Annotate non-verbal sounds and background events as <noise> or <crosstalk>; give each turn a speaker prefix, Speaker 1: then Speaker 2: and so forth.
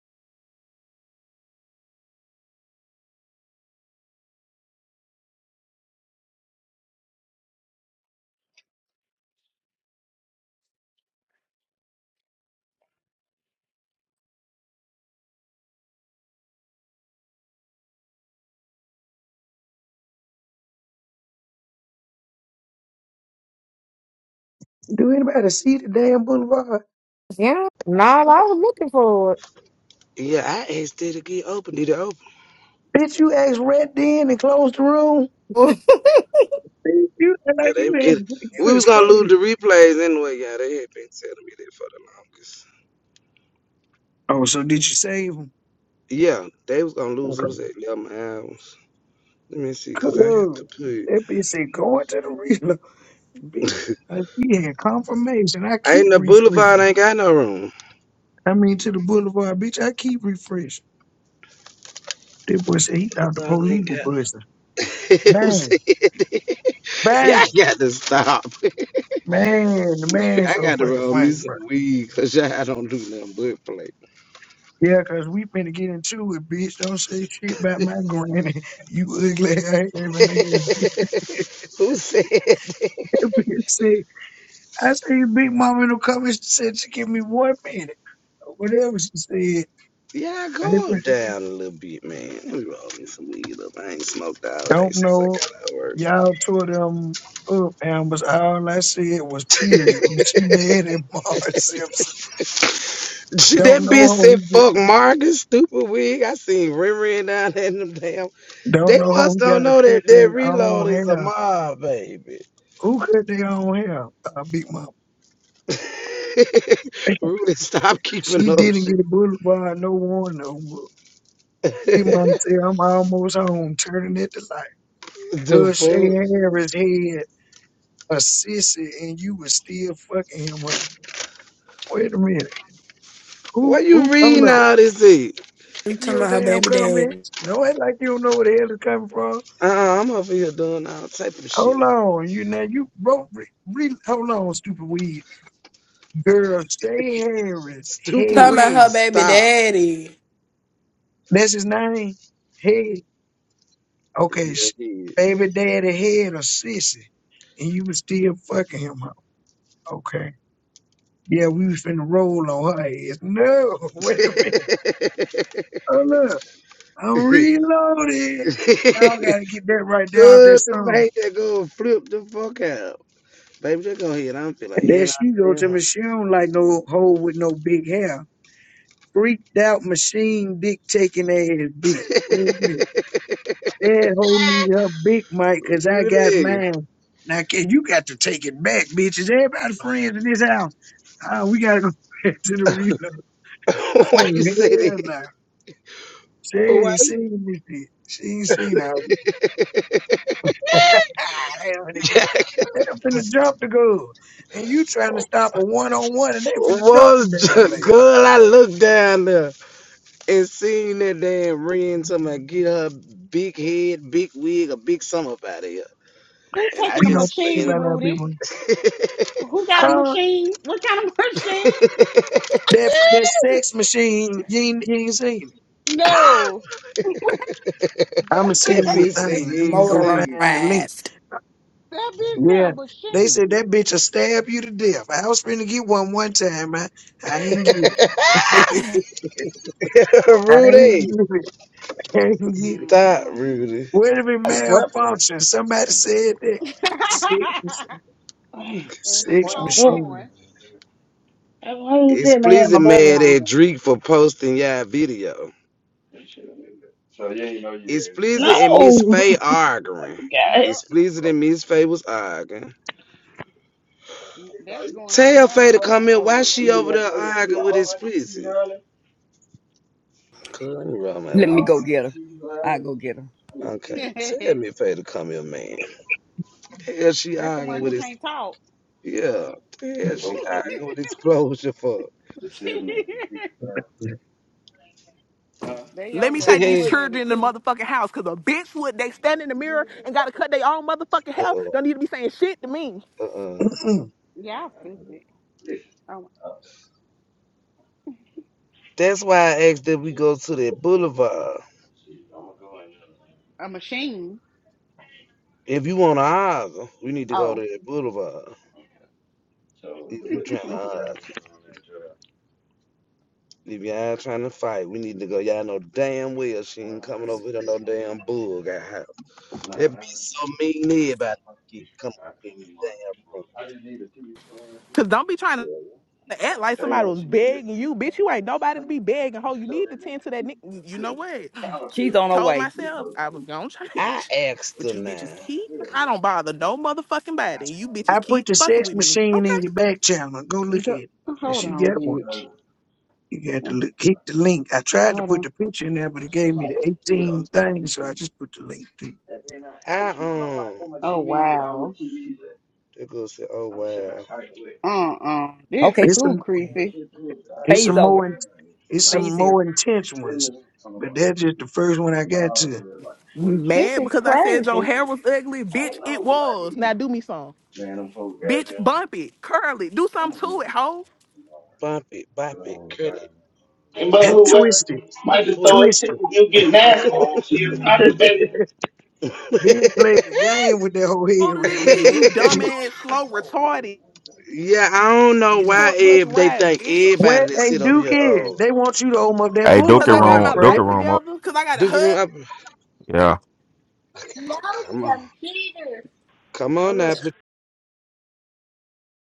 Speaker 1: Do anybody see the damn boulevard?
Speaker 2: Yeah, no, I was looking for it.
Speaker 3: Yeah, I asked it to get open. Did it open?
Speaker 1: Bitch, you asked Red in and closed the room.
Speaker 2: <laughs>
Speaker 1: You act
Speaker 3: Yeah,
Speaker 1: like
Speaker 3: they
Speaker 1: you
Speaker 3: get.
Speaker 1: asked, you
Speaker 3: We was
Speaker 1: is
Speaker 3: gonna lose
Speaker 1: crazy.
Speaker 3: the replays anyway. Yeah, they had been telling me that for the longest.
Speaker 1: Oh, so did you save him?
Speaker 3: Yeah, they was gonna lose. It
Speaker 1: Okay.
Speaker 3: was at eleven hours. Let me see, cause I have to
Speaker 1: Cool.
Speaker 3: put.
Speaker 1: That bitch said going to the reload. Bitch,
Speaker 3: <laughs>
Speaker 1: like he had confirmation. I
Speaker 3: I
Speaker 1: keep
Speaker 3: ain't the boulevard
Speaker 1: refreshing.
Speaker 3: ain't got no room.
Speaker 1: I mean to the boulevard, bitch, I keep refreshing. That boy said he thought the
Speaker 3: Boulevard
Speaker 1: police
Speaker 3: ain't
Speaker 1: were
Speaker 3: got.
Speaker 1: busting.
Speaker 3: <laughs> Who
Speaker 1: Bang,
Speaker 3: said that? <laughs> Y'all
Speaker 1: bang.
Speaker 3: got to stop. <laughs>
Speaker 1: Man, the man's
Speaker 3: I
Speaker 1: so
Speaker 3: got to
Speaker 1: fucking
Speaker 3: roll me
Speaker 1: funny, bro.
Speaker 3: some weed, cause y'all don't do nothing but play.
Speaker 1: Yeah, 'cause we finna get into it, bitch. Don't say shit about my granny. <laughs> You ugly ass having ass
Speaker 3: <laughs>
Speaker 1: bitch.
Speaker 3: Who said?
Speaker 1: <laughs> bitch say, I say your big mama don't come and she said she give me one minute. Or whatever she said.
Speaker 3: Yeah, I
Speaker 1: Baby,
Speaker 3: calmed down a little bit, man. Let me roll me some weed up. I ain't smoked all day
Speaker 1: don't
Speaker 3: since I
Speaker 1: know.
Speaker 3: got out of work.
Speaker 1: Y'all tore them up, Ambers. All I said was
Speaker 3: <laughs>
Speaker 1: period. And she mad at <laughs> Marge Simpson.
Speaker 3: that
Speaker 1: Don't
Speaker 3: bitch
Speaker 1: know
Speaker 3: said,
Speaker 1: who got-
Speaker 3: fuck Marcus, stupid wig. I seen Riri and down there in them damn.
Speaker 1: don't
Speaker 3: They
Speaker 1: know
Speaker 3: must
Speaker 1: who
Speaker 3: don't
Speaker 1: gotta
Speaker 3: know
Speaker 1: cut
Speaker 3: that that
Speaker 1: their
Speaker 3: reload
Speaker 1: own
Speaker 3: is a
Speaker 1: hair.
Speaker 3: mob, baby.
Speaker 1: Who cut their own hair? Uh, big mama. <laughs>
Speaker 3: <laughs> Rudy, stop keeping
Speaker 1: She
Speaker 3: up
Speaker 1: didn't
Speaker 3: shit.
Speaker 1: get a boulevard, no one. no.
Speaker 3: <laughs>
Speaker 1: Me mama say I'm almost home, turning at the light.
Speaker 3: the
Speaker 1: Good Shay
Speaker 3: fuck?
Speaker 1: Harris had a sissy, and you was still fucking him up. Wait a minute. Who,
Speaker 3: Why you
Speaker 1: who, hold
Speaker 3: reading
Speaker 1: up.
Speaker 3: all this shit?
Speaker 4: You
Speaker 1: In
Speaker 4: talking
Speaker 1: Your
Speaker 4: about her
Speaker 1: damn
Speaker 4: baby daddy.
Speaker 1: comments. No, act like you don't know where the hell it's coming from.
Speaker 3: Uh, I'm over here doing all type of
Speaker 1: Hold
Speaker 3: shit.
Speaker 1: on, you now you wrote. Re, re, hold on, stupid weed girl. Shay Harris,
Speaker 3: Stupid
Speaker 4: Talking
Speaker 1: hey,
Speaker 4: about
Speaker 3: wig,
Speaker 4: her baby
Speaker 3: stop.
Speaker 4: daddy.
Speaker 1: that's his name. Head. Okay, sh-
Speaker 3: Yeah,
Speaker 1: baby daddy had a sissy, and you was still fucking him. huh? Okay. Yeah, we was finna roll on her ass. No, <laughs>
Speaker 3: <laughs>
Speaker 1: wait
Speaker 3: Good
Speaker 1: a minute. Oh look, I'm reloaded. Y'all gotta get that right down that
Speaker 3: to
Speaker 1: song.
Speaker 3: make that go flip the fuck out. Baby, just go ahead. I don't feel like
Speaker 1: And then
Speaker 3: hearing out
Speaker 1: she go
Speaker 3: damn
Speaker 1: to
Speaker 3: home.
Speaker 1: me, she don't like no hole with no big hair. Freaked out machine dick taking ass bitch. Wait a minute.
Speaker 3: <laughs>
Speaker 1: That hoe need her big mic cause I got
Speaker 3: Rudy.
Speaker 1: mine. Now kid, you got to take it back, bitches. Everybody friends in this house. Ah, we gotta go <laughs> back to the reload.
Speaker 3: <laughs>
Speaker 1: Oh
Speaker 3: Why you say
Speaker 1: hell
Speaker 3: that?
Speaker 1: no. She
Speaker 3: Why?
Speaker 1: ain't seen this shit. She ain't seen how
Speaker 3: <laughs>
Speaker 1: ah, they finna get
Speaker 3: Jack
Speaker 1: they finna
Speaker 3: just
Speaker 1: jump the goal. And you trying to stop a one on one and they finna jump the
Speaker 3: was
Speaker 1: damn
Speaker 3: just
Speaker 1: lady.
Speaker 3: good. I looked down there and seen that damn ring. Somebody get her big head, big wig, a big sum up out of here.
Speaker 5: Who
Speaker 3: And I
Speaker 5: taking a
Speaker 1: We don't
Speaker 3: just
Speaker 1: play
Speaker 3: seen
Speaker 5: machine,
Speaker 1: about our
Speaker 5: Rudy?
Speaker 1: people.
Speaker 5: Who got a
Speaker 1: Ah,
Speaker 5: machine? What kind of <laughs> machine?
Speaker 3: it. <laughs>
Speaker 1: that that sex machine, you ain't, you ain't seen it.
Speaker 5: No. <laughs>
Speaker 1: I'ma send
Speaker 5: that
Speaker 1: you a
Speaker 3: Tippy said
Speaker 1: thing.
Speaker 3: you
Speaker 1: Let me
Speaker 3: ain't
Speaker 1: go
Speaker 3: singing.
Speaker 1: find the link.
Speaker 4: Motorized.
Speaker 5: bitch had a
Speaker 1: Yeah. They said that
Speaker 5: machine.
Speaker 1: bitch will stab you to death. I was finna get one one time. I, I
Speaker 3: <laughs>
Speaker 1: ain't get it.
Speaker 4: <laughs>
Speaker 1: <laughs>
Speaker 5: Who?
Speaker 1: I
Speaker 3: Rudy,
Speaker 1: ain't get it. <laughs> Can't get it.
Speaker 3: stop,
Speaker 5: Mm-mm.
Speaker 3: Rudy.
Speaker 1: Where did it
Speaker 6: Wrap up.
Speaker 1: malfunction? Somebody said that. Six,
Speaker 5: <laughs> and keep
Speaker 1: six
Speaker 6: Wrap
Speaker 5: on
Speaker 6: up.
Speaker 1: machine.
Speaker 5: going.
Speaker 6: That's why you
Speaker 3: It's
Speaker 6: tell me I had my
Speaker 3: pleasing
Speaker 6: bunny
Speaker 3: mad
Speaker 6: on.
Speaker 3: at
Speaker 6: but-
Speaker 3: Drake for posting y'all video. It's pleasing and Miss
Speaker 6: No.
Speaker 3: Faye arguing.
Speaker 6: God.
Speaker 5: Yep.
Speaker 3: It's pleasing that Miss Faye was arguing.
Speaker 5: n- That's going on
Speaker 3: Tell Faye
Speaker 5: now.
Speaker 3: to come in. Why she over there arguing with It's pleasing? Cause let me roll my
Speaker 7: Let me go
Speaker 3: weeds.
Speaker 7: get her. I go get her.
Speaker 5: <laughs>
Speaker 3: Okay,
Speaker 5: That's
Speaker 3: tell
Speaker 5: the
Speaker 3: me Faye to come here, man. Hell, she arguing
Speaker 5: one
Speaker 3: with
Speaker 5: who
Speaker 3: It's
Speaker 5: can't talk.
Speaker 3: Yeah, hell, she
Speaker 5: <laughs>
Speaker 3: arguing with explosion for.
Speaker 1: <clears throat>
Speaker 5: they
Speaker 8: Let
Speaker 5: over
Speaker 8: me
Speaker 5: there
Speaker 3: to
Speaker 8: take these
Speaker 5: going at
Speaker 8: children
Speaker 5: it
Speaker 8: in the
Speaker 5: too.
Speaker 8: motherfucking house, cause a bitch would they stand in the mirror and gotta cut their own motherfucking hair.
Speaker 3: hell.
Speaker 8: Don't need to be saying shit to me.
Speaker 3: Uh-uh, uh-uh.
Speaker 1: Mm-mm.
Speaker 5: Yeah, I'm stupid. Um,
Speaker 3: That's why I asked that we go to that boulevard.
Speaker 5: a machine.
Speaker 3: If you want to argue, we need to go to
Speaker 5: Oh.
Speaker 3: that boulevard. If you
Speaker 5: <laughs>
Speaker 3: trying to argue, if y'all trying to fight, we need to go. Y'all know damn well she ain't coming over here no damn bull got house. That bitch so mean to everybody keep coming in this damn room.
Speaker 8: Cause don't be trying to act like somebody was begging you, bitch. You ain't nobody to be begging. Ho, you need to tend to that. Ni- you know what?
Speaker 7: She's
Speaker 8: <sighs>
Speaker 7: on her
Speaker 8: Told
Speaker 7: way.
Speaker 8: myself I was gonna
Speaker 3: I
Speaker 8: change,
Speaker 3: asked
Speaker 8: but
Speaker 3: her
Speaker 8: you bitches
Speaker 3: now.
Speaker 8: keep. I don't bother no motherfucking body. You bitches
Speaker 1: I put
Speaker 8: keep
Speaker 1: the
Speaker 8: fucking
Speaker 1: sex
Speaker 8: with me.
Speaker 1: machine
Speaker 8: Okay.
Speaker 1: in your back channel. Go look at
Speaker 5: Go-
Speaker 1: it. If
Speaker 5: Hold
Speaker 1: she
Speaker 5: on,
Speaker 1: got one,
Speaker 5: bitch.
Speaker 1: you got to
Speaker 5: Hold
Speaker 1: look, keep the link. I tried to put
Speaker 5: on.
Speaker 1: the picture in there, but it gave me the 18 things, so I just put the link. To
Speaker 3: I um,
Speaker 5: Oh, wow.
Speaker 3: they go say, oh wow,
Speaker 5: Uh-uh. This
Speaker 7: Okay,
Speaker 1: It's
Speaker 5: too
Speaker 1: some,
Speaker 5: creepy.
Speaker 1: it's
Speaker 7: Faye's
Speaker 1: some more,
Speaker 7: over.
Speaker 1: in- it's
Speaker 7: Faye's
Speaker 1: some
Speaker 7: here.
Speaker 1: more intense ones, but that's just the first one I got to.
Speaker 8: You
Speaker 5: This
Speaker 8: Mad
Speaker 5: is
Speaker 8: because I said your
Speaker 5: crazy.
Speaker 8: hair was ugly, bitch. It was. Now do me some, bitch. Bump it, curl it, do something to it, ho.
Speaker 3: bump it, bop it, curl it,
Speaker 6: But
Speaker 1: <laughs>
Speaker 6: whoever
Speaker 1: Twisted,
Speaker 6: might just
Speaker 3: pull
Speaker 6: throw a ticket,
Speaker 1: twisted.
Speaker 6: you get
Speaker 3: it.
Speaker 6: nasty. She a potty
Speaker 1: <laughs>
Speaker 6: baby.
Speaker 1: Bitch played the game with that whole head
Speaker 8: older
Speaker 1: right
Speaker 8: than me,
Speaker 1: there.
Speaker 8: you
Speaker 1: Wait
Speaker 3: <laughs>
Speaker 8: dumbass, slow, retarded,
Speaker 3: Yeah, I don't know why
Speaker 8: short bus
Speaker 3: if they
Speaker 8: riding
Speaker 3: think
Speaker 8: bitch.
Speaker 3: everybody
Speaker 1: Where
Speaker 3: that
Speaker 1: they
Speaker 3: sit over
Speaker 1: Duke
Speaker 3: here,
Speaker 1: is,
Speaker 3: oh,
Speaker 1: they want you to open up that
Speaker 9: Hey,
Speaker 8: Cause
Speaker 9: Doka
Speaker 8: I got
Speaker 1: boulevard,
Speaker 8: my
Speaker 9: room,
Speaker 1: Fred.
Speaker 9: Doka
Speaker 8: life
Speaker 9: room up.
Speaker 8: together. Cause I got a
Speaker 3: Duke
Speaker 8: husband.
Speaker 3: Room, up.
Speaker 9: Yeah.
Speaker 5: No
Speaker 3: come on,
Speaker 5: computer.
Speaker 3: come
Speaker 10: Oh,
Speaker 3: on
Speaker 10: look.
Speaker 3: now,